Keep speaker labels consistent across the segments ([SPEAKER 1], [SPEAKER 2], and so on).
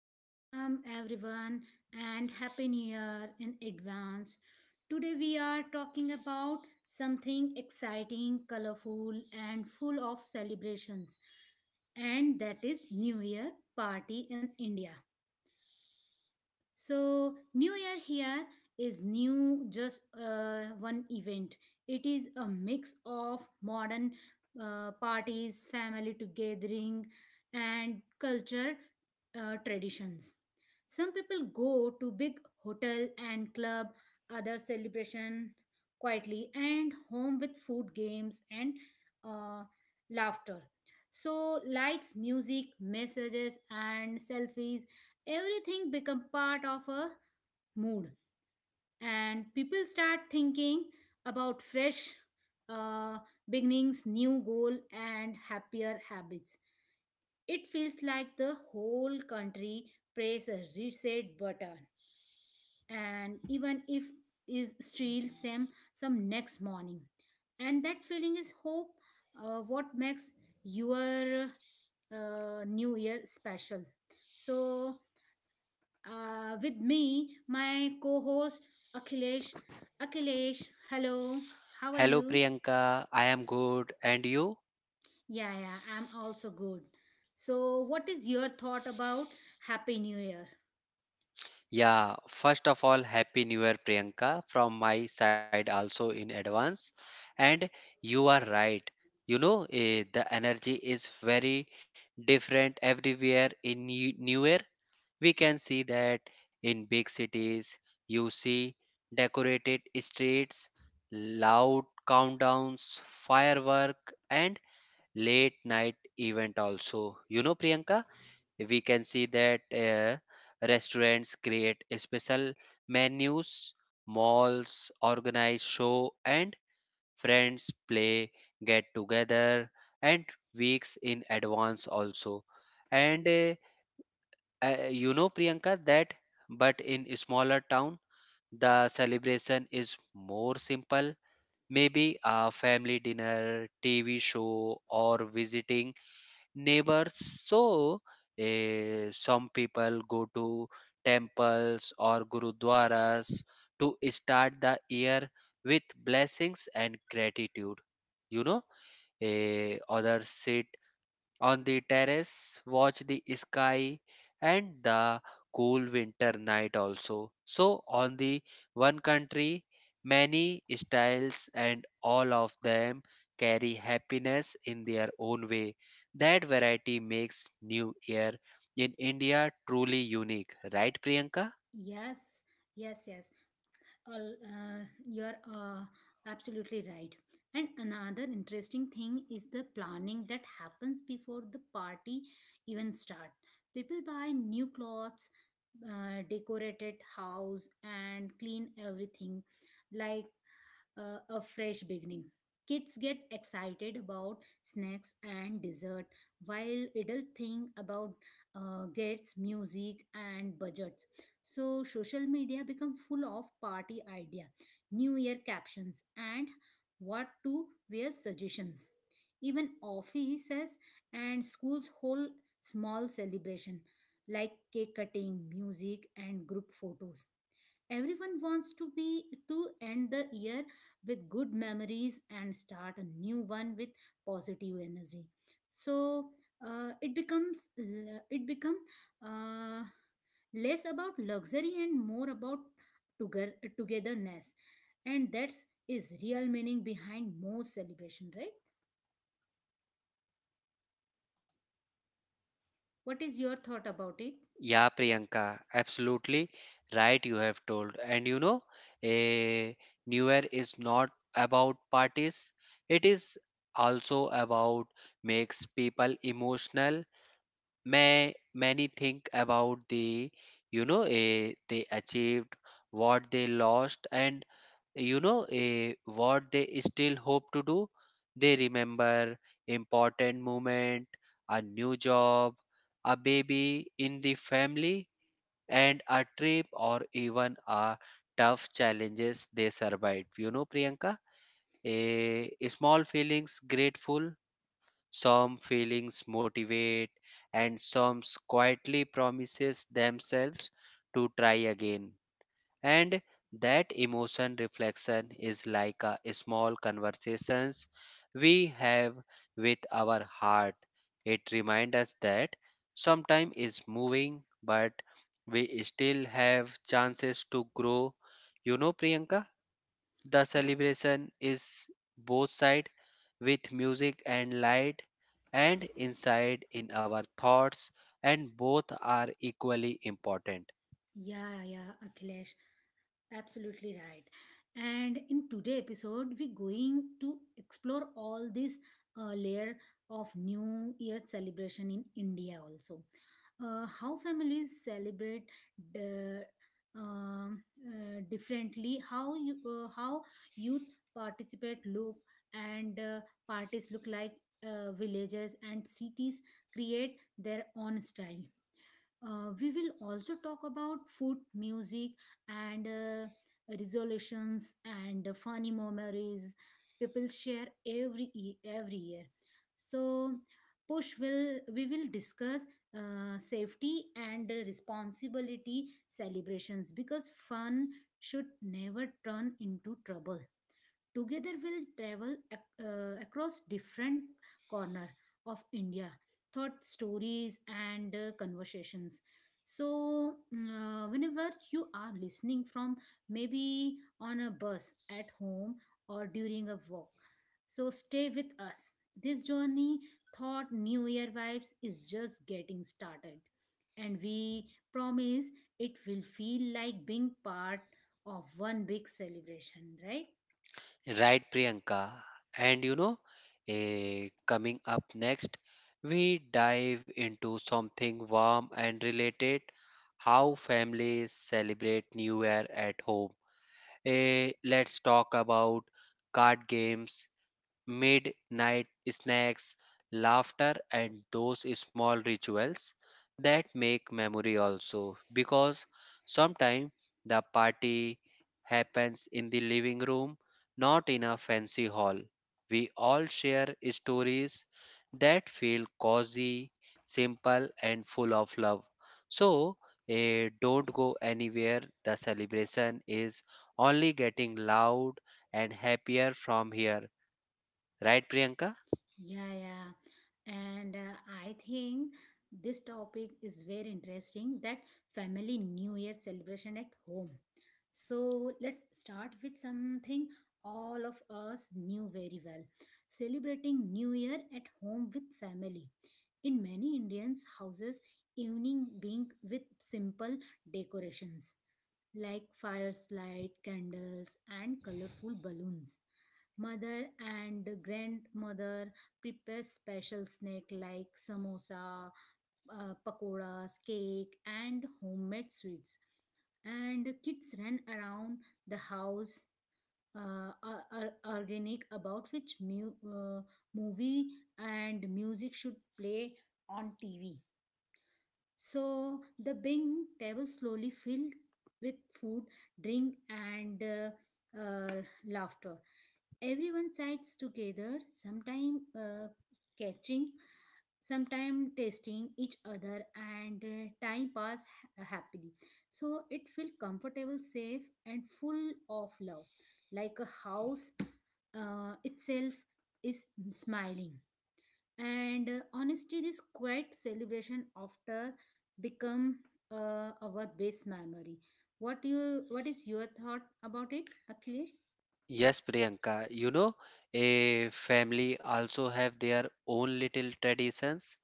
[SPEAKER 1] Welcome everyone and happy new year in advance. Today we are talking about something exciting, colorful and full of celebrations, and that is New Year party in India. So, New Year here is new just one event. It is a mix of modern parties, family gathering, and culture traditions. Some people go to big hotel and club, other celebration quietly, and home with food games and uh, laughter. So, lights, music, messages, and selfies everything become part of a mood, and people start thinking about fresh uh, beginnings new goal and happier habits. It feels like the whole country press a reset button, and even if is still same some next morning, and that feeling is hope what makes your new year special. so with me, my co-host Akhilesh. Akhilesh, hello. How are
[SPEAKER 2] Hello
[SPEAKER 1] you?
[SPEAKER 2] Priyanka, I am good. And you?
[SPEAKER 1] Yeah, yeah, I'm also good. So, what is your thought about Happy New Year?
[SPEAKER 2] Yeah, first of all, Happy New Year, Priyanka, from my side also in advance. And you are right. You know, the energy is very different everywhere in New Year. We can see that in big cities, you see decorated streets, loud countdowns, firework, and late night event also. You know, Priyanka? We can see that restaurants create special menus, malls organize show, and friends play get together and weeks in advance also. And you know, Priyanka, that but in a smaller town the celebration is more simple, maybe a family dinner, TV show, or visiting neighbors. So, some people go to temples or gurudwaras to start the year with blessings and gratitude. You know, others sit on the terrace, watch the sky and the cool winter night also. So, on the one country, many styles, and all of them carry happiness in their own way. That variety makes New Year in India truly unique, right, Priyanka?
[SPEAKER 1] Yes, yes, yes. All, you're absolutely right. And another interesting thing is the planning that happens before the party even start. People buy new clothes, decorated house, and clean everything. Like a fresh beginning. Kids get excited about snacks and dessert, while adults think about gets music and budgets. So social media become full of party idea, New Year captions, and what to wear suggestions. Even offices and schools hold small celebration like cake cutting, music, and group photos. Everyone wants to be to end the year with good memories and start a new one with positive energy. So it become uh, less about luxury and more about together togetherness, and that's is real meaning behind most celebration, right? What is your thought about it?
[SPEAKER 2] Yeah, Priyanka, absolutely right. You have told, and you know, a New Year is not about parties. It is also about makes people emotional. May many think about the, you know, a they achieved, what they lost, and you know, a what they still hope to do. They remember important moment, a new job, a baby in the family, and a trip, or even a tough challenges they survived. You know, Priyanka, a small feelings grateful, some feelings motivate, and some quietly promises themselves to try again. And that emotion reflection is like a small conversations we have with our heart. It reminds us that sometime is moving, but we still have chances to grow. You know, Priyanka, the celebration is both side, with music and light, and inside in our thoughts, and both are equally important.
[SPEAKER 1] Yeah, yeah, Akhilesh, absolutely right. And in today episode, we're going to explore all this layer of New Year celebration in India also. How families celebrate the, differently, how youth participate look, and parties look like villages and cities create their own style. We will also talk about food, music, and resolutions and funny memories people share every year. So, push will we will discuss safety and responsibility celebrations because fun should never turn into trouble. Together we'll travel across different corner of India, thought stories and conversations. So whenever you are listening from, maybe on a bus, at home, or during a walk, so stay with us. This journey thought new year vibes is just getting started, and we promise it will feel like being part of one big celebration, right?
[SPEAKER 2] Right, Priyanka. And you know, coming up next, we dive into something warm and related, how families celebrate New Year at home. Let's talk about card games, midnight snacks, laughter, and those small rituals that make memory also. Because sometimes the party happens in the living room, not in a fancy hall. We all share stories that feel cozy, simple, and full of love. So, don't go anywhere. The celebration is only getting loud and happier from here. Right, Priyanka?
[SPEAKER 1] Yeah, yeah. And I think this topic is very interesting, that family New Year celebration at home. So let's start with something all of us knew very well, celebrating New Year at home with family. In many Indians' houses, evening being with simple decorations like firelight, candles, and colorful balloons. Mother and grandmother prepare special snack like samosa, pakoras, cake, and homemade sweets. And kids ran around the house, are organic about which movie and music should play on TV. So the big table slowly filled with food, drink, and laughter. Everyone sides together, sometime catching, sometime tasting each other, and time pass happily. So it felt comfortable, safe, and full of love, like a house itself is smiling. And honestly, this quiet celebration after become our best memory. What you what is your thought about it, Akhilesh?
[SPEAKER 2] Yes, Priyanka. You know, a family also have their own little traditions.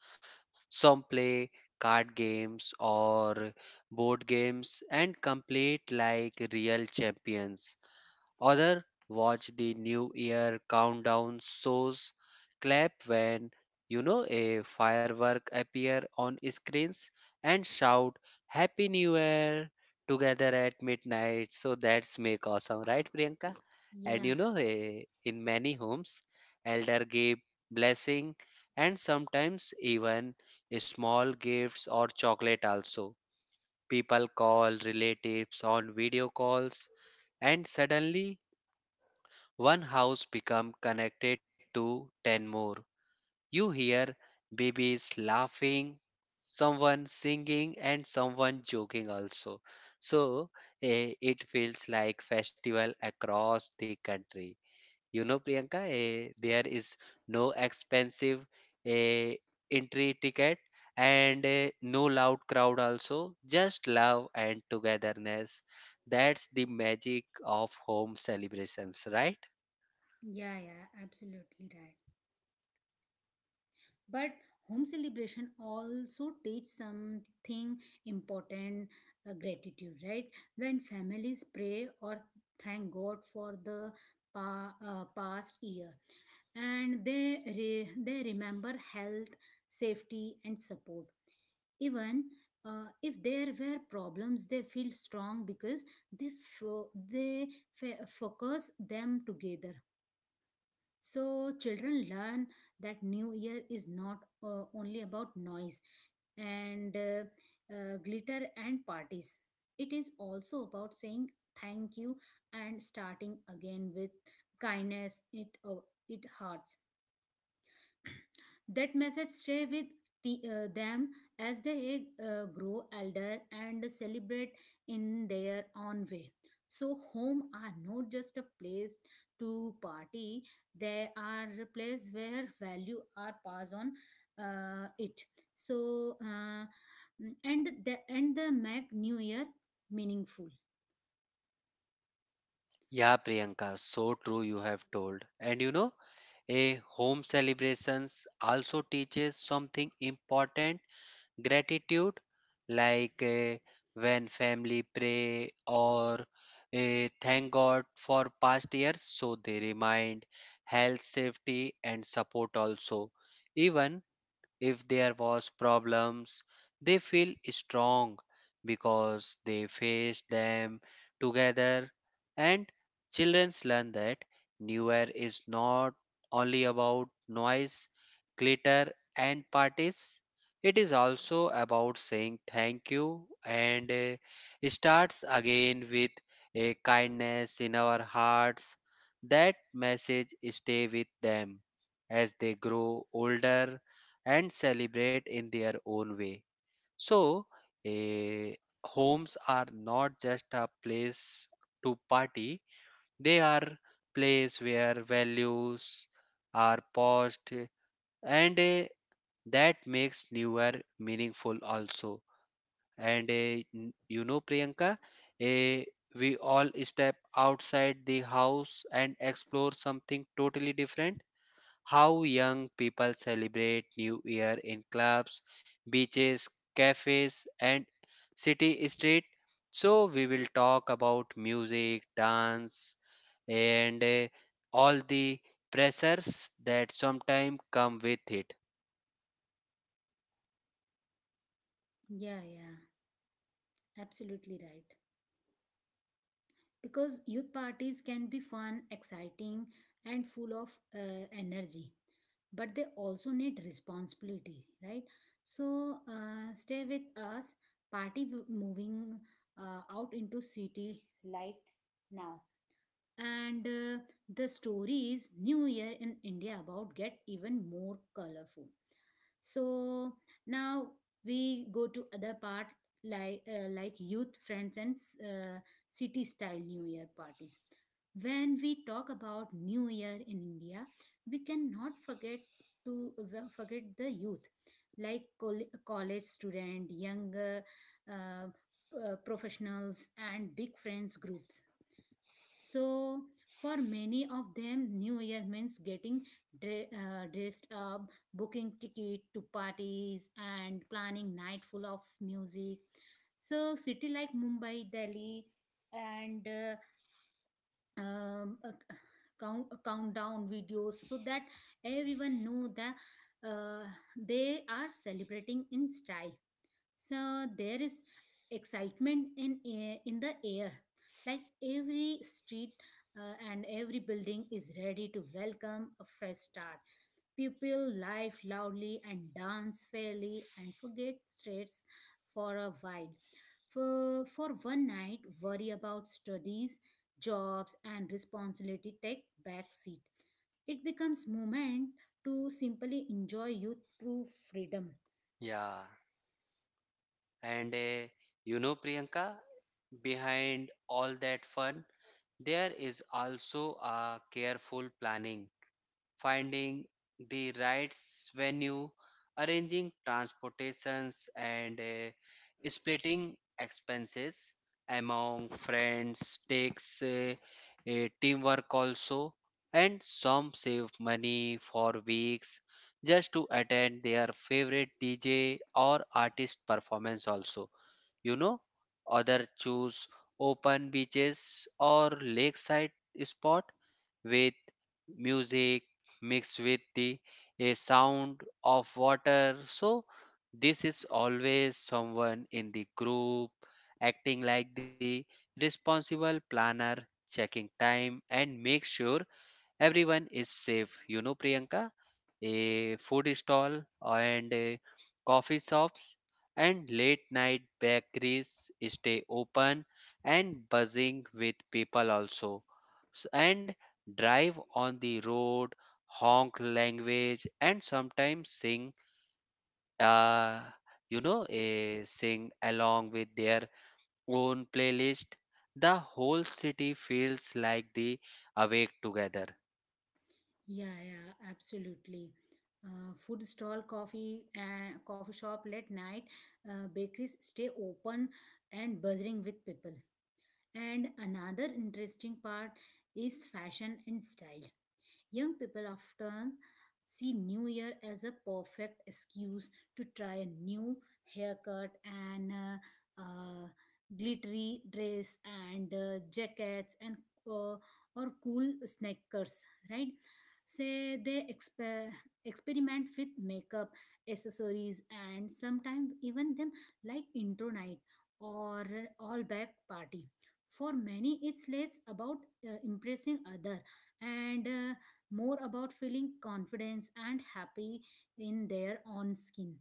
[SPEAKER 2] Some play card games or board games and complete like real champions. Other watch the New Year countdown shows, clap when you know a firework appear on screens and shout Happy New Year together at midnight. So that's make awesome, right, Priyanka? And
[SPEAKER 1] Yeah,
[SPEAKER 2] you know, in many homes, elder give blessing, and sometimes even small gifts or chocolate also. People call relatives on video calls and suddenly one house become connected to 10 more. You hear babies laughing, someone singing, and someone joking also. So it feels like festival across the country. You know, Priyanka, there is no expensive eh, entry ticket and no loud crowd also, just love and togetherness. That's the magic of home celebrations, right?
[SPEAKER 1] yeah, yeah, absolutely right. But home celebration also teach something important, gratitude, right? When families pray or thank God for the past year, and they remember health, safety, and support. Even if there were problems, they feel strong because they, they focus them together. So children learn that New Year is not only about noise and glitter and parties. It is also about saying thank you and starting again with kindness. It hearts that message stay with them as they grow elder and celebrate in their own way. So home are not just a place to party, they are a place where value are passed on. uh, it so uh, and the and the make new year meaningful.
[SPEAKER 2] Yeah, Priyanka, so true you have told. And you know, a home celebrations also teaches something important gratitude, like when family pray or thank god for past years, so they remind health, safety, and support also. Even if there was problems, they feel strong because they face them together. And children learn that new year is not only about noise, glitter, and parties. It is also about saying thank you and, starts again with a kindness in our hearts. That message stay with them as they grow older and celebrate in their own way. So, eh, homes are not just a place to party, they are place where values are paused, and that makes new year meaningful also. And you know, Priyanka, eh, we all step outside the house and explore something totally different, how young people celebrate New Year in clubs, beaches, cafes, and city street. So, we will talk about music, dance, and all the pressures that sometimes come with it.
[SPEAKER 1] Yeah, yeah, absolutely right. Because youth parties can be fun, exciting, and full of energy, but they also need responsibility, right? So stay with us. Party moving out into city light now, and the stories new year in india about get even more colorful. So now we go to other part, like like youth friends and uh, city style new year parties. When we talk about new year in India, we cannot forget to forget the youth, like college student, young uh, professionals, and big friends groups. So, for many of them, New Year means getting dressed up, booking ticket to parties, and planning night full of music. So, city like Mumbai, Delhi, and a c- count, a countdown videos, so that everyone know that uh, they are celebrating in style. So there is in the air like every street and every building is ready to welcome a fresh start. People laugh loudly and dance fairly and forget stress for a while. For one night worry about studies, jobs and responsibility take back seat. It becomes moment to simply enjoy youth through freedom.
[SPEAKER 2] Yeah, and you know, Priyanka, behind all that fun, there is also a careful planning, finding the right venue, arranging transportations, and splitting expenses among friends takes teamwork also. And some save money for weeks just to attend their favorite DJ or artist performance, also. You know, other choose open beaches or lakeside spot with music mixed with the a sound of water. So this is always someone in the group acting like the responsible planner, checking time and make sure everyone is safe. You know, Priyanka, a food stall and coffee shops and late night bakeries stay open and buzzing with people also. And drive on the road, honk language, and sometimes sing, uh, you know, sing along with their own playlist. The whole city feels like the awake together.
[SPEAKER 1] Yeah, yeah, absolutely. Food stall, coffee, and coffee shop late night, bakeries stay open and buzzing with people. And another interesting part is fashion and style. Young people often see New Year as a perfect excuse to try a new haircut and uh, glittery dress and jackets and uh, or cool sneakers, right? Say they experiment with makeup, accessories, and sometimes even them like intro night or all back party. For many, it's less about impressing other and more about feeling confidence and happy in their own skin.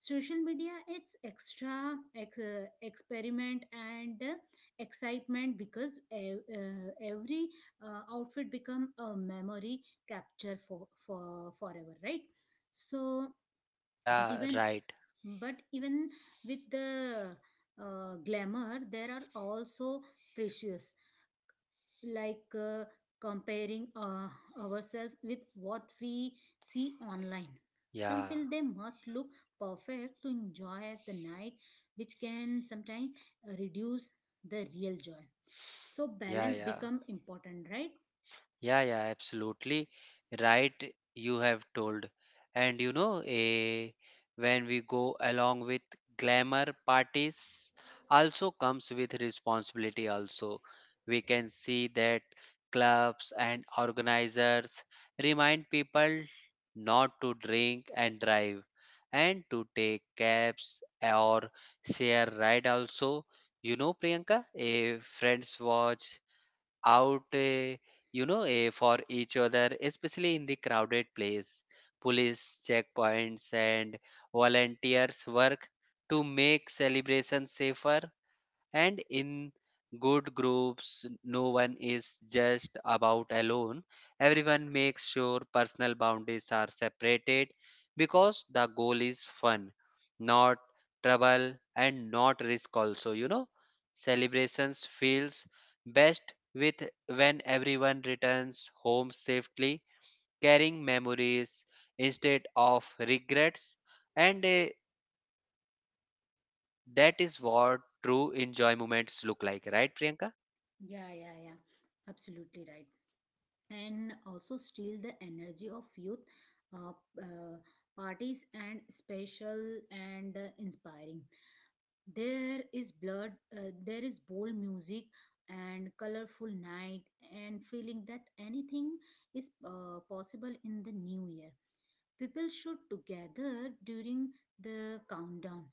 [SPEAKER 1] Social media it's experiment and excitement because every outfit become a memory capture for forever, right? So but
[SPEAKER 2] Yeah,
[SPEAKER 1] even
[SPEAKER 2] right.
[SPEAKER 1] but even with the glamour there are also precious, like comparing ourselves with what we see online. Some
[SPEAKER 2] Yeah,
[SPEAKER 1] feel they must look perfect to enjoy the night, which can sometimes reduce the real joy. So
[SPEAKER 2] yeah,
[SPEAKER 1] balance
[SPEAKER 2] yeah.
[SPEAKER 1] become important, right?
[SPEAKER 2] Yeah, yeah, absolutely right. You have told. And you know, when we go along with glamour parties, also comes with responsibility. Also, we can see that clubs and organizers remind people not to drink and drive and to take cabs or share ride also. You know, Priyanka, a friends watch out, you know, for each other, especially in the crowded place. Police checkpoints and volunteers work to make celebrations safer, and in good groups no one is just about alone. Everyone makes sure personal boundaries are separated because the goal is fun, not trouble and not risk also. You know, celebrations feels best with when everyone returns home safely, carrying memories instead of regrets. And that is what true enjoy moments look like, right, Priyanka?
[SPEAKER 1] Yeah, yeah, yeah. Absolutely right. And also steal the energy of youth uh, uh, parties and special and inspiring. There is bold music and colorful night, and feeling that anything is possible in the new year. People should together during the countdown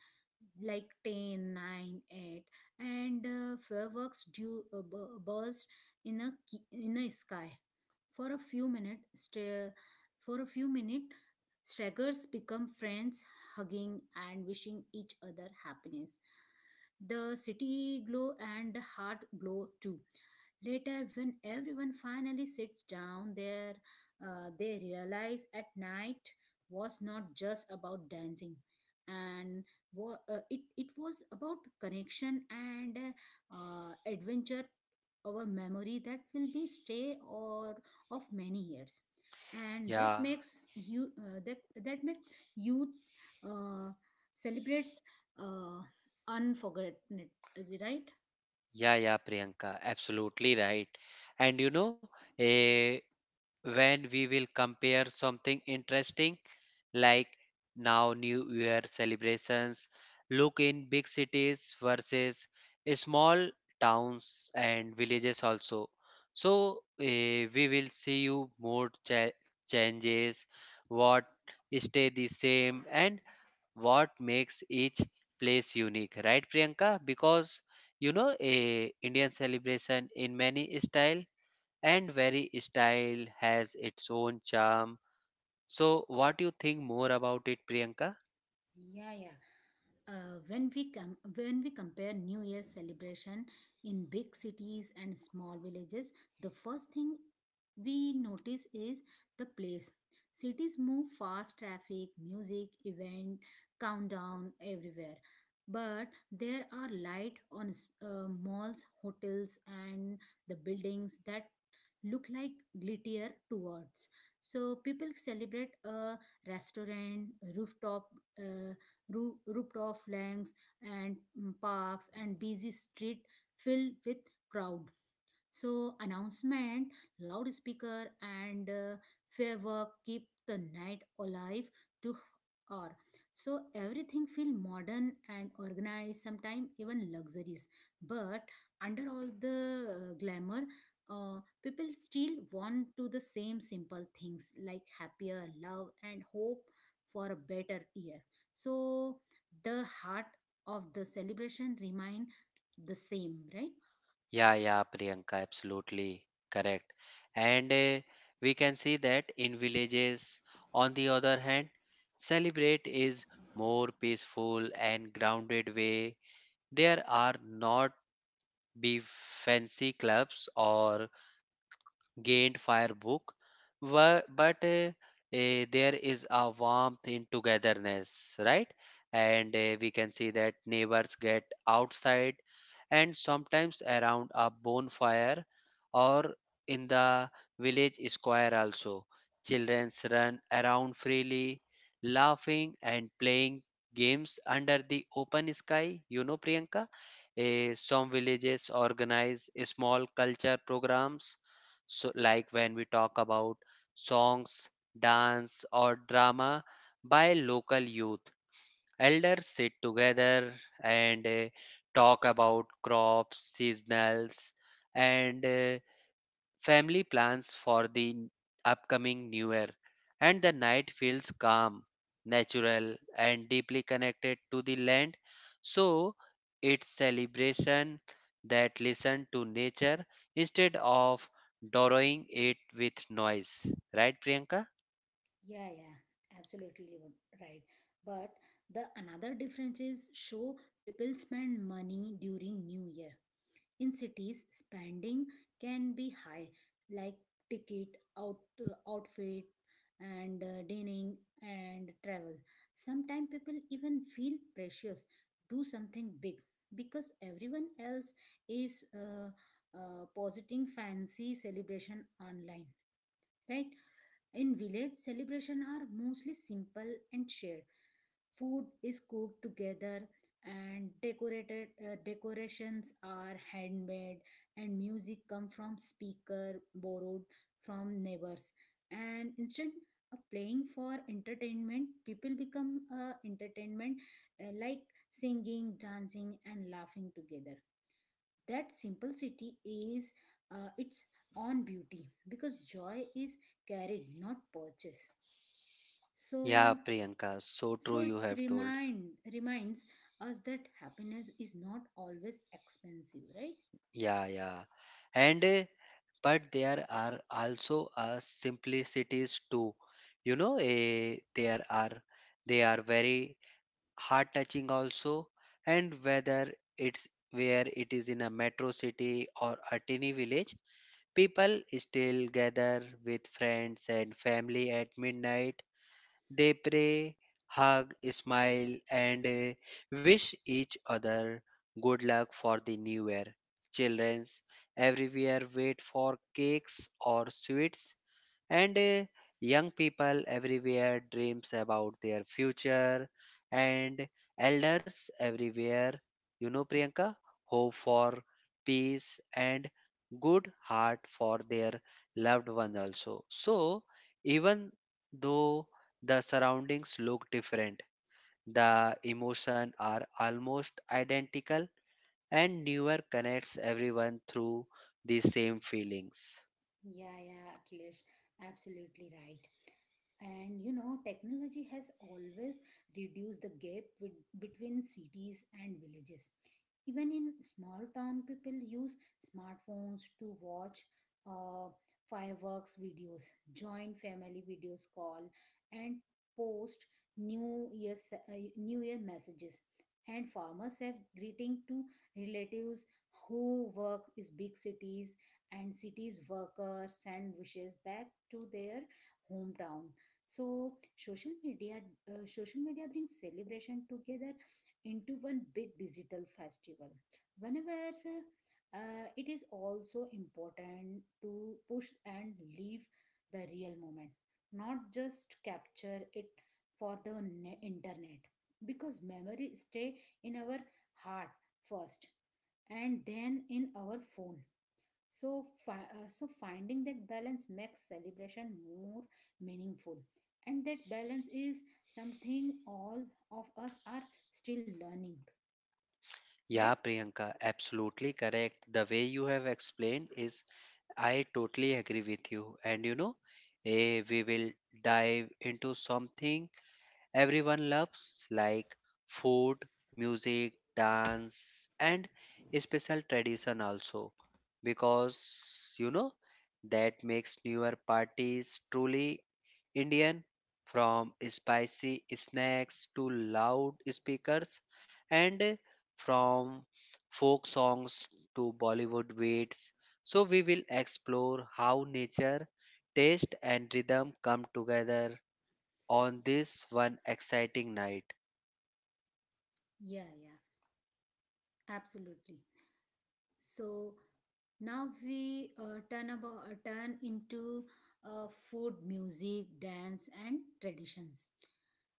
[SPEAKER 1] like ten, nine, 8, and fireworks do burst in a in a sky for a few minutes for a few minutes Straggers become friends, hugging and wishing each other happiness. The city glow and the heart glow too. Later, when everyone finally sits down there, they realize at night was not just about dancing and it was about connection and adventure, our memory that will be stay or of many years. And that
[SPEAKER 2] Yeah,
[SPEAKER 1] makes you that that makes youth uh, celebrate uh, unforgettable. Is it right?
[SPEAKER 2] yeah, yeah, Priyanka, absolutely right. And you know, eh, when we will compare something interesting like now New Year celebrations, look in big cities versus small towns and villages also. So we will see you more changes, what stay the same, and what makes each place unique, right, Priyanka? Because you know, a indian celebration in many style, and very style has its own charm. So what do you think more about it, Priyanka?
[SPEAKER 1] Yeah, yeah. When we compare New Year celebration in big cities and small villages, the first thing we notice is the place. Cities move fast, traffic, music, event, countdown everywhere. But there are light on malls, hotels, and the buildings that look like glitter towards. So people celebrate a restaurant, rooftop, uh, rooftop langs, and parks and busy street filled with crowd. So announcement, loudspeaker, and firework keep the night alive to hour. So everything feel modern and organized, sometimes even luxuries. But under all the glamour, people still want to the same simple things like happier love and hope for a better year. So the heart of the celebration remain the same, right?
[SPEAKER 2] Yeah, yeah, Priyanka, absolutely correct. And we can see that in villages, on the other hand, celebrate is more peaceful and grounded way. There are not be fancy clubs or gained fire book were, but there is a warmth in togetherness, right? And we can see that neighbors get outside and sometimes around a bonfire or in the village square also. Children run around freely, laughing and playing games under the open sky. You know, Priyanka, some villages organize small culture programs. So, like when we talk about songs, dance, or drama by local youth, elders sit together and talk about crops, seasonals, and family plans for the upcoming new year. And the night feels calm, natural, and deeply connected to the land. So it's celebration that listen to nature instead of drawing it with noise, right, Priyanka?
[SPEAKER 1] Yeah, yeah, absolutely right. But the another difference is show people spend money during New Year. In cities, spending can be high, like ticket, outfit, and dining and travel. Sometimes people even feel precious, do something big because everyone else is positing fancy celebration online, right? In village, celebrations are mostly simple and shared. Food is cooked together and decorated decorations are handmade and music come from speaker borrowed from neighbors. And instead of playing for entertainment, people become entertainment, like singing, dancing and laughing together. That simplicity is its own beauty because joy is carried not purchased.
[SPEAKER 2] Yeah,
[SPEAKER 1] So
[SPEAKER 2] Priyanka, so true
[SPEAKER 1] so
[SPEAKER 2] you
[SPEAKER 1] it's
[SPEAKER 2] have told.
[SPEAKER 1] remind reminds us that happiness is not always expensive, right?
[SPEAKER 2] Yeah, yeah. And but there are also simplicities too. You know, eh, there are they are very heart touching also. And whether it's where it is in a metro city or a tiny village, people still gather with friends and family at midnight. They pray, hug, smile, and wish each other good luck for the new year. Children everywhere wait for cakes or sweets, and young people everywhere dreams about their future, and elders everywhere, you know, Priyanka, hope for peace and good heart for their loved one also. So even though the surroundings look different, the emotions are almost identical, and newer connects everyone through the same feelings.
[SPEAKER 1] Yeah, yeah, Akhilesh, absolutely right. And you know, technology has always reduced the gap with, between cities and villages. Even in small town people use smartphones to watch uh, fireworks videos, join family videos call, and post new year messages, and farmers send greeting to relatives who work is big cities, and cities workers send wishes back to their hometown. So social media, social media brings celebration together into one big digital festival. Whenever it is also important to push and leave the real moment, not just capture it for the internet, because memory stay in our heart first and then in our phone. So finding that balance makes celebration more meaningful. And that balance is something all of us are still learning, right?
[SPEAKER 2] Yeah, Priyanka, absolutely correct. The way you have explained is I totally agree with you. And you know, we will dive into something everyone loves, like food, music, dance, and a special tradition also, because you know that makes newer parties truly Indian. From spicy snacks to loud speakers, and from folk songs to Bollywood beats. So we will explore how nature, taste, and rhythm come together on this one exciting night.
[SPEAKER 1] Yeah, yeah, absolutely. So now we turn into food, music, dance, and traditions.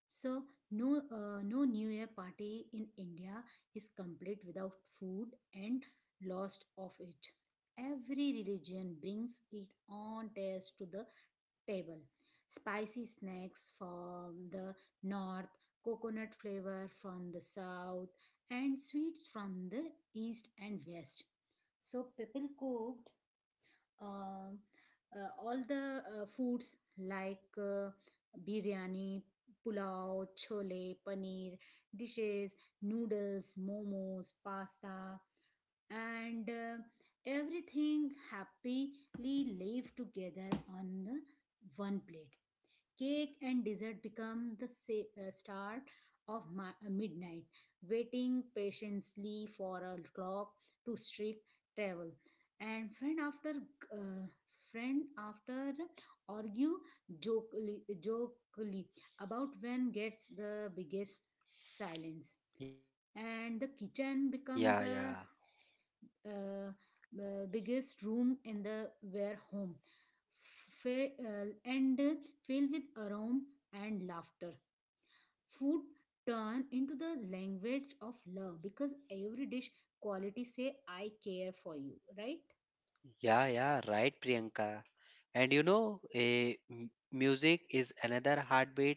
[SPEAKER 1] So no New Year party in India is complete without food, and lost of it. Every religion brings it on taste to the table. Spicy snacks from the north, coconut flavor from the south, and sweets from the east and west. So people cooked um, all the foods like biryani, pulao, chole, paneer, dishes, noodles, momos, pasta, and everything happily live together on the one plate. Cake and dessert become the star of midnight, waiting patiently for a clock to strike travel. And uh, friend after argue jokely about when gets the biggest silence,
[SPEAKER 2] Yeah, yeah.
[SPEAKER 1] and the kitchen become the uh, biggest room in the were home, and filled with aroma and laughter. Food turn into the language of love, because every dish quality say I care for you, right?
[SPEAKER 2] Yeah, yeah, right, Priyanka. And you know, music is another heartbeat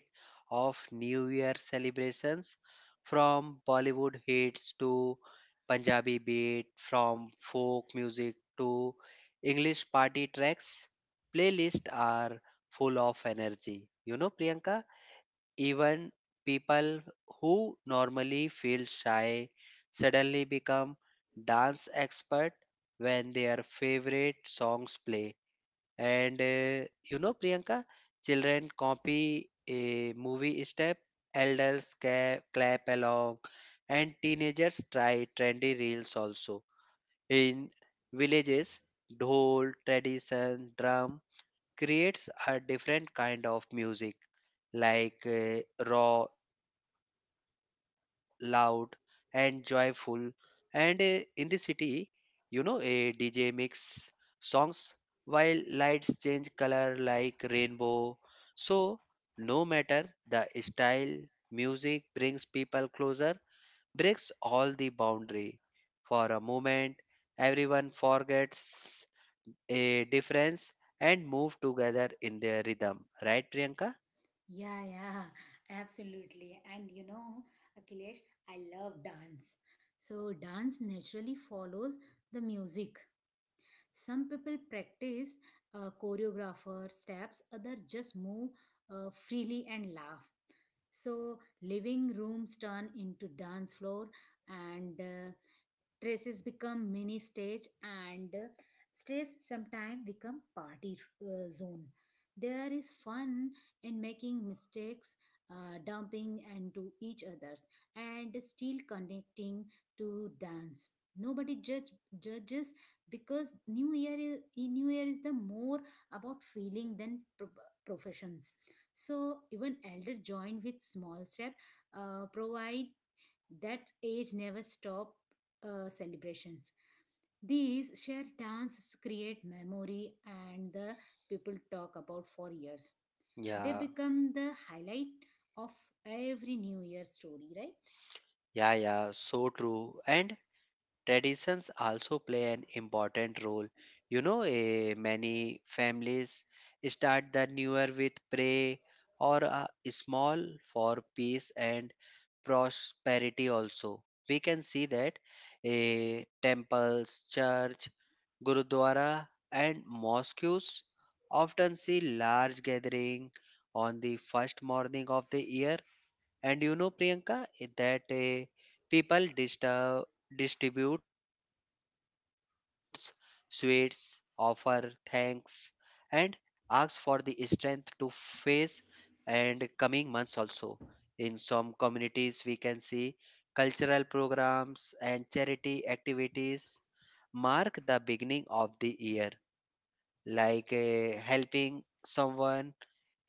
[SPEAKER 2] of New Year celebrations, from Bollywood hits to Punjabi beat, from folk music to English party tracks. Playlists are full of energy. You know, Priyanka? Even people who normally feel shy suddenly become dance expert when their favorite songs play. And you know, Priyanka, children copy a movie step, elders clap along, and teenagers try trendy reels also. In villages, dhol, tradition, drum, creates a different kind of music, like raw, loud, and joyful. And in the city, you know, a DJ mix songs while lights change color like rainbow. So, no matter the style, music brings people closer breaks all the boundary. For a moment, everyone forgets a difference and move together in their rhythm. Right, Priyanka?
[SPEAKER 1] Yeah, yeah, absolutely. And you know, Akhilesh, I love dance. So dance naturally follows the music. Some people practice choreographer steps, others just move freely and laugh. So living rooms turn into dance floor, and traces become mini stage, and stress sometimes become party zone. There is fun in making mistakes, dumping and to each others, and still connecting to dance. Nobody judges, because New Year is the more about feeling than professions. So even elder join with small step, provide that age never stop celebrations. These shared dances create memory and the people talk about for years. They
[SPEAKER 2] Yeah,
[SPEAKER 1] become the highlight of every new year story, right?
[SPEAKER 2] yeah, yeah, so true. And traditions also play an important role. You know, many families start the new year with pray or a small for peace and prosperity also. We can see that temples, church, gurudwara, and mosques often see large gathering on the first morning of the year and you know, Priyanka, that people disturb, distributes sweets, offer thanks, and ask for the strength to face and coming months also. In some communities, we can see cultural programs and charity activities mark the beginning of the year, like helping someone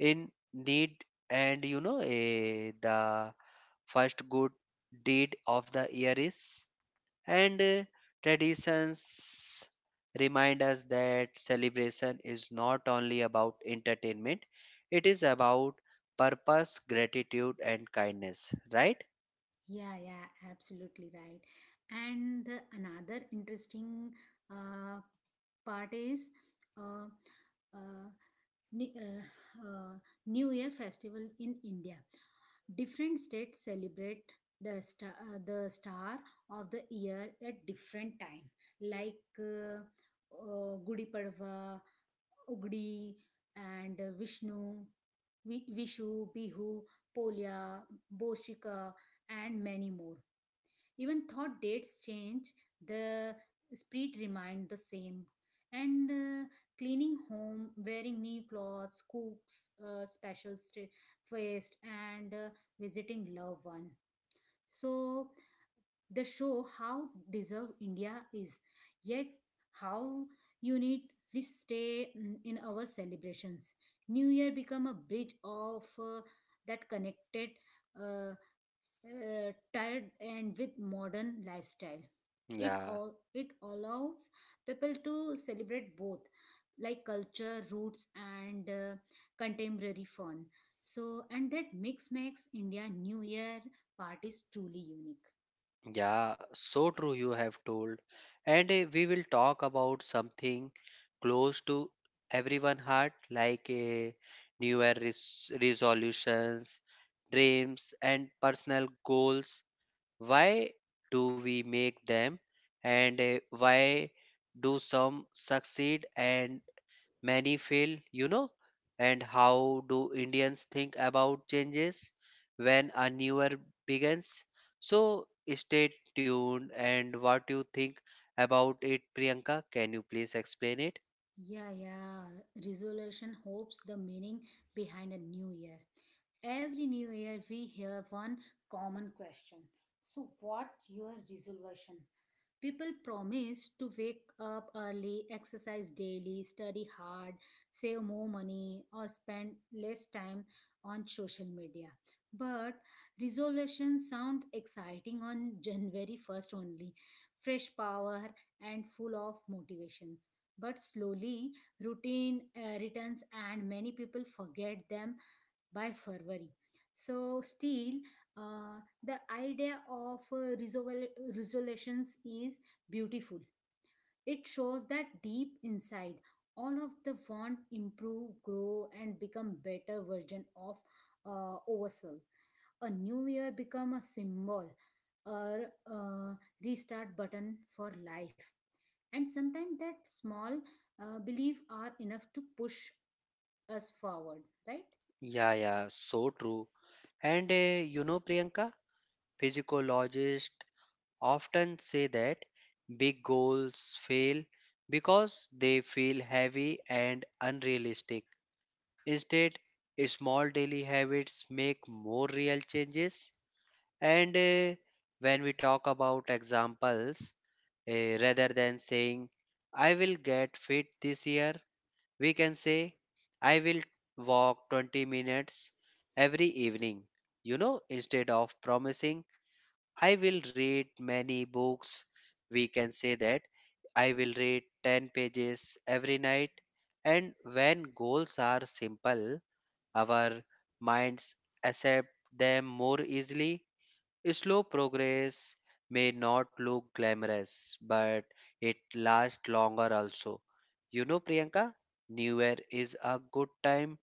[SPEAKER 2] in need and you know the first good deed of the year is. And traditions remind us that celebration is not only about entertainment, it is about purpose, gratitude, and kindness, right?
[SPEAKER 1] Yeah, yeah, absolutely right. Another interesting uh, part is uh, uh, Ni- uh, uh, New Year festival in India. Different states celebrate the the star of the year at different time, like Gudi Padwa, Ugdi, and Vishu, Bihu, Polya, Boshika, and many more. Even though dates change, the spirit remained the same. And cleaning home, wearing new clothes, cooks, special feast, and visiting loved one. So they show how deserved India is, yet how unique we stay in our celebrations. New Year become a bridge of that connected. Uh, Tied and with modern lifestyle. It
[SPEAKER 2] Yeah,
[SPEAKER 1] all it allows people to celebrate both, like culture, roots, and contemporary fun. So, and that mix makes India New Year parties truly unique.
[SPEAKER 2] yeah, so true, you have told. And we will talk about something close to everyone heart like new year resolutions dreams and personal goals. Why do we make them and why do some succeed and many fail, you know? And how do Indians think about changes when a new year begins? So stay tuned and what you think about it, Priyanka? Can you please explain it?
[SPEAKER 1] Yeah, yeah. Resolution hopes the meaning behind a new year. Every new year, we hear one common question. So, what's your resolution? People promise to wake up early, exercise daily, study hard, save more money, or spend less time on social media. But resolutions sound exciting on January 1st only. Fresh power and full of motivations. But slowly, routine returns and many people forget them by February. So, still, the idea of resolutions is beautiful. It shows that deep inside, all of the want improve, grow, and become better version of ourselves. A new year become a symbol or a restart button for life, and sometimes that small belief are enough to push us forward, right?
[SPEAKER 2] Yeah, yeah, so true. And you know, Priyanka, physiologist often say that big goals fail because they feel heavy and unrealistic. Instead, small daily habits make more real changes. And when we talk about examples, rather than saying, I will get fit this year, we can say, I will walk 20 minutes every evening. You know, instead of promising I will read many books. We can say that I will read 10 pages every night. And when goals are simple, our minds accept them more easily. Slow progress may not look glamorous, but it lasts longer also. You know, Priyanka, New Year is a good time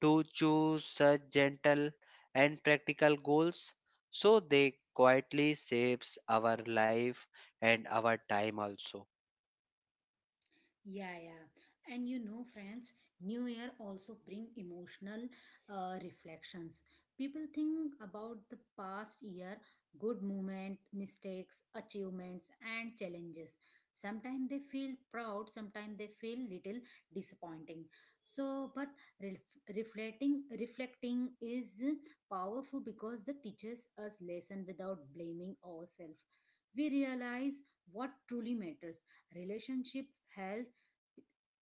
[SPEAKER 2] to choose such gentle and practical goals so they quietly shapes our life and our time also.
[SPEAKER 1] Yeah, yeah. And you know, friends, New Year also bring emotional reflections. People think about the past year, good moment, mistakes, achievements, and challenges. Sometimes they feel proud, sometimes they feel little disappointing. So, but reflecting reflecting is powerful because it teaches us lesson without blaming ourselves. We realize what truly matters: relationship, health,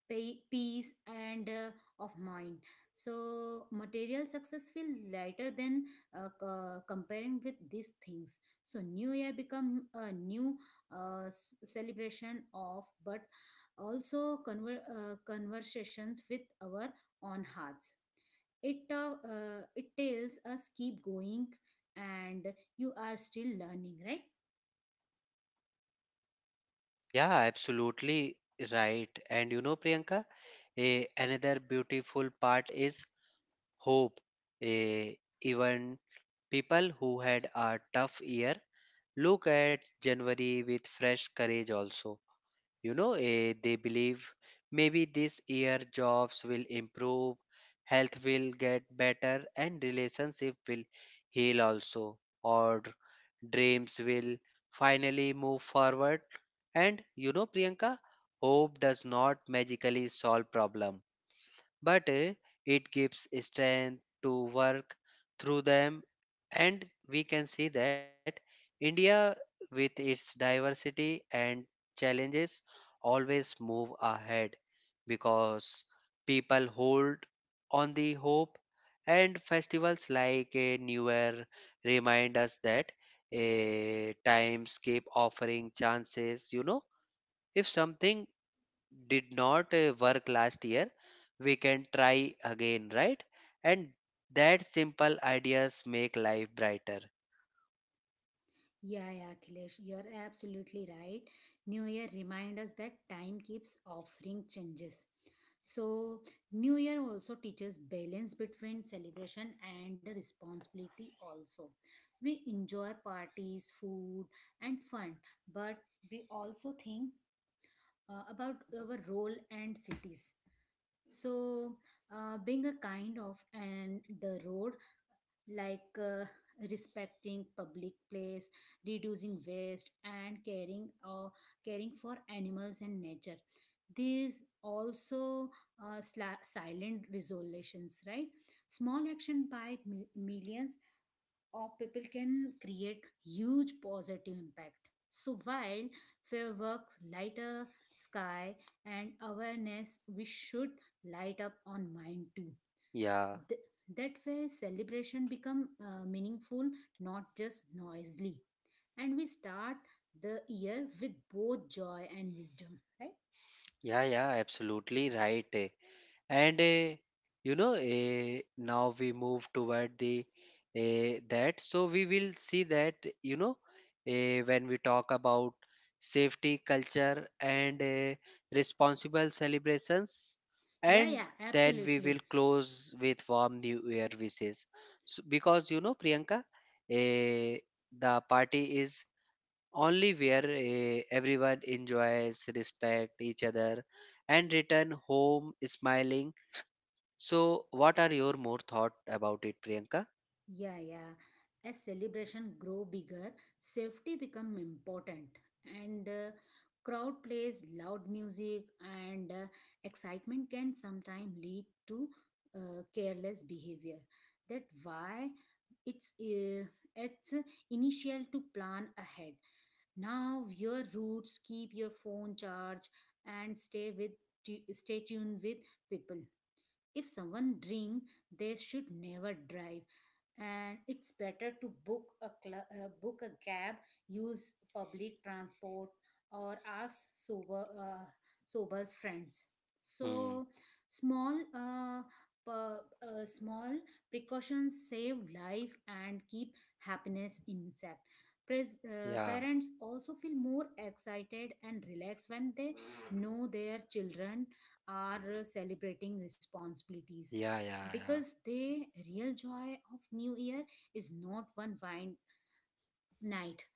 [SPEAKER 1] peace and of mind. So material success feel lighter than comparing with these things. So new year become a new celebration of, but also conversations with our own hearts. It tells us keep going, and you are still learning, right?
[SPEAKER 2] Yeah, absolutely right. And you know, Priyanka, another beautiful part is hope. Eh, even people who had a tough year look at January with fresh courage also. You know, they believe maybe this year jobs will improve, health will get better, and relationship will heal also, or dreams will finally move forward. And you know, Priyanka, hope does not magically solve problem but it gives strength to work through them and we can see that India with its diversity and challenges always move ahead because people hold on the hope and festivals like a new year remind us that times keep offering chances you know if something did not work last year we can try again, right? And that simple ideas make life brighter.
[SPEAKER 1] Yeah, yeah, Akhilesh, you're absolutely right. New Year reminds us that time keeps offering changes. So, New Year also teaches balance between celebration and the responsibility, also. We enjoy parties, food, and fun, but we also think about our role and cities. So, being a kind of and the road, like respecting public place, reducing waste, and caring for animals and nature. These also silent resolutions, right? Small action by millions of people can create huge positive impact. So while fireworks light lighter sky and awareness, we should light up on mind too.
[SPEAKER 2] Yeah,
[SPEAKER 1] Th- that way celebration become meaningful, not just noisily, and we start the year with both joy and wisdom, right?
[SPEAKER 2] yeah, yeah, absolutely right. and you know, now we move toward the that so we will see that you know when we talk about safety culture and responsible celebrations
[SPEAKER 1] Yeah,
[SPEAKER 2] and
[SPEAKER 1] yeah,
[SPEAKER 2] then we
[SPEAKER 1] absolutely.
[SPEAKER 2] will close with warm new year wishes. So, because you know, Priyanka, uh, the party is only where everyone enjoys respect each other and return home smiling. So, what are your more thought about it, Priyanka?
[SPEAKER 1] Yeah, yeah. As celebration grow bigger, safety become important, and crowd plays loud music, and excitement can sometimes lead to careless behavior. That why it's uh, it's initial to plan ahead. Now your routes, keep your phone charged and stay with stay tuned with people. If someone drink, they should never drive, and it's better to book a cab, use public transport, or ask sober friends.
[SPEAKER 2] Hmm.
[SPEAKER 1] So small small precautions save life and keep happiness intact.
[SPEAKER 2] Yeah.
[SPEAKER 1] Parents also feel more excited and relaxed when they know their children are celebrating responsibilities,
[SPEAKER 2] Yeah. Yeah. Yeah.
[SPEAKER 1] because the real joy of new year is not one wine night.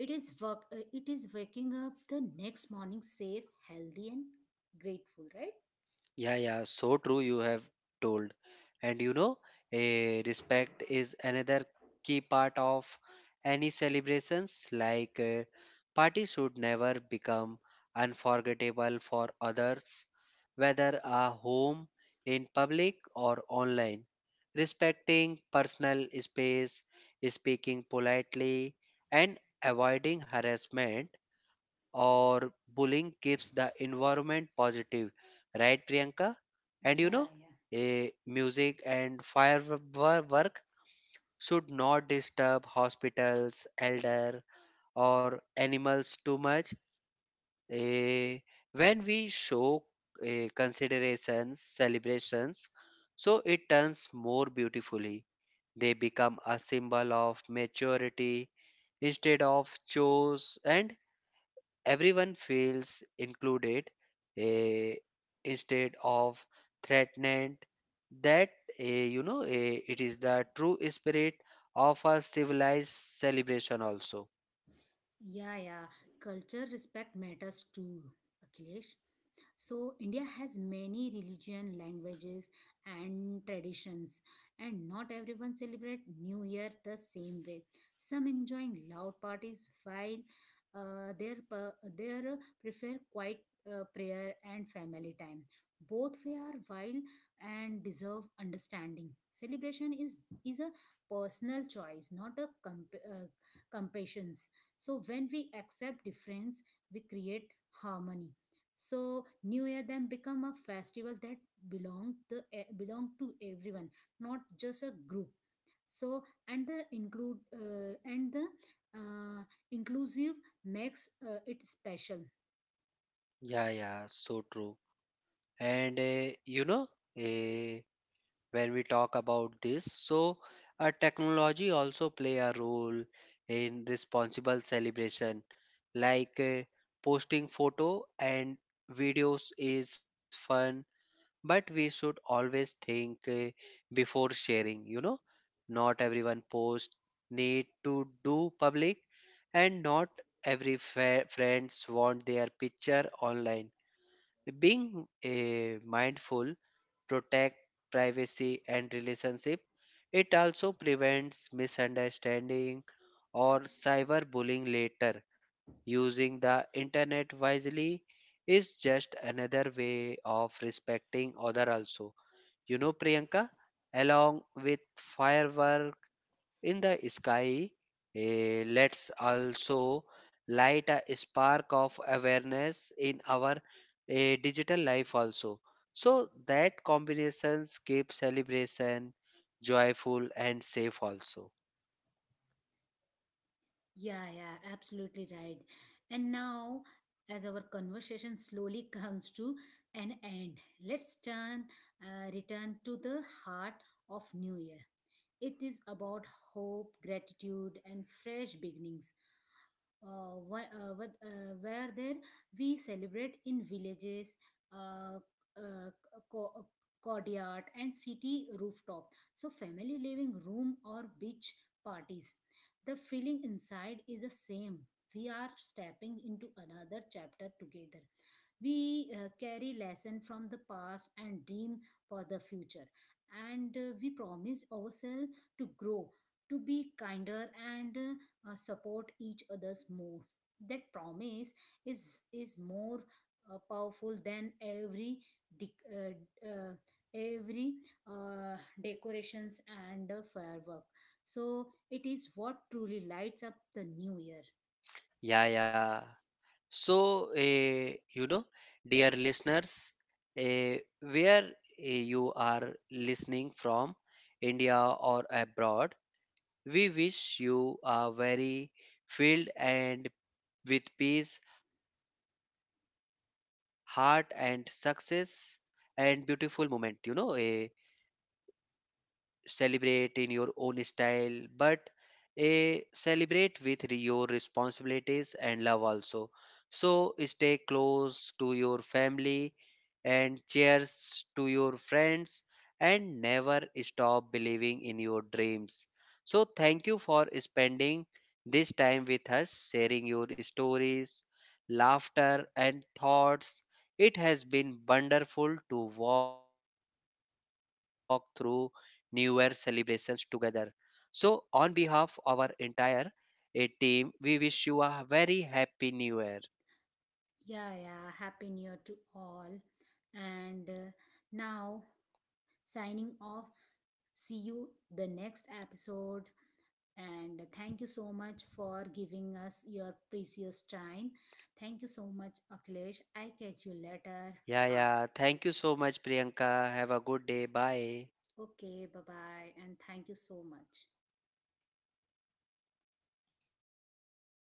[SPEAKER 1] It is waking up the next morning safe, healthy, and grateful, right?
[SPEAKER 2] Yeah, yeah, so true. You have told, and you know, a respect is another key part of any celebrations. Like parties should never become unforgettable for others, whether at home, in public, or online. Respecting personal space, speaking politely, and avoiding harassment or bullying keeps the environment positive, right, Priyanka? And you know,
[SPEAKER 1] Yeah,
[SPEAKER 2] a music and firework should not disturb hospitals elder or animals too much. Eh, when we show considerations celebrations so it turns more beautifully they become a symbol of maturity instead of chores and everyone feels included, eh, instead of threatened. That it is the true spirit of a civilized celebration, also.
[SPEAKER 1] yeah, yeah, yeah. Culture respect matters too, Akhilesh. So India has many religion, languages, and traditions, and not everyone celebrate New Year the same way. Some enjoying loud parties while their prefer quiet prayer and family time. Both way are wild and deserve understanding. Celebration is a personal choice, not a competitions. So when we accept difference, we create harmony. So new year then become a festival that belong the, eh, belong to everyone, not just a group. So and the uh, inclusive makes it special.
[SPEAKER 2] Yeah, yeah, so true. And you know, uh, when we talk about this, so technology also play a role in responsible celebration. Like posting photo and videos is fun, but we should always think before sharing you know not everyone post need to do public and not every friends want their picture online being mindful protect privacy and relationship. It also prevents misunderstanding or cyberbullying later. Using the internet wisely is just another way of respecting other also. You know, Priyanka, along with firework in the sky, let's also light a spark of awareness in our digital life also. So that combinations keep celebration joyful and safe also.
[SPEAKER 1] Yeah, yeah, absolutely right. And now, as our conversation slowly comes to an end, let's turn return to the heart of new year. It is about hope, gratitude, and fresh beginnings. Where there we celebrate in villages, uh, uh, co- uh, courtyard, and city rooftop. So, family living room, or beach parties. The feeling inside is the same. We are stepping into another chapter together. We carry lesson from the past and dream for the future. And we promise ourselves to grow, to be kinder, and support each other's more. That promise is more powerful than every dec- uh, uh, every uh, decorations and firework. So it is what truly lights up the new year.
[SPEAKER 2] Yeah, yeah. So, you know, dear listeners, where you are listening from, India or abroad, we wish you a very filled and with peace, heart, and success and beautiful moment. You know, celebrate in your own style, but a celebrate with your responsibilities and love also. So stay close to your family and cheers to your friends and never stop believing in your dreams. So thank you for spending this time with us, sharing your stories, laughter and thoughts. It has been wonderful to walk through New Year celebrations together. So, on behalf of our entire a team, we wish you a very happy New Year.
[SPEAKER 1] Yeah, yeah, happy new year to all. And now, signing off, see you the next episode. And thank you so much for giving us your precious time. Thank you so much, Akhilesh. I catch you later.
[SPEAKER 2] Yeah,
[SPEAKER 1] Ah,
[SPEAKER 2] yeah. Thank you so much, Priyanka. Have a good day. Bye.
[SPEAKER 1] okay, bye bye, and thank you so much.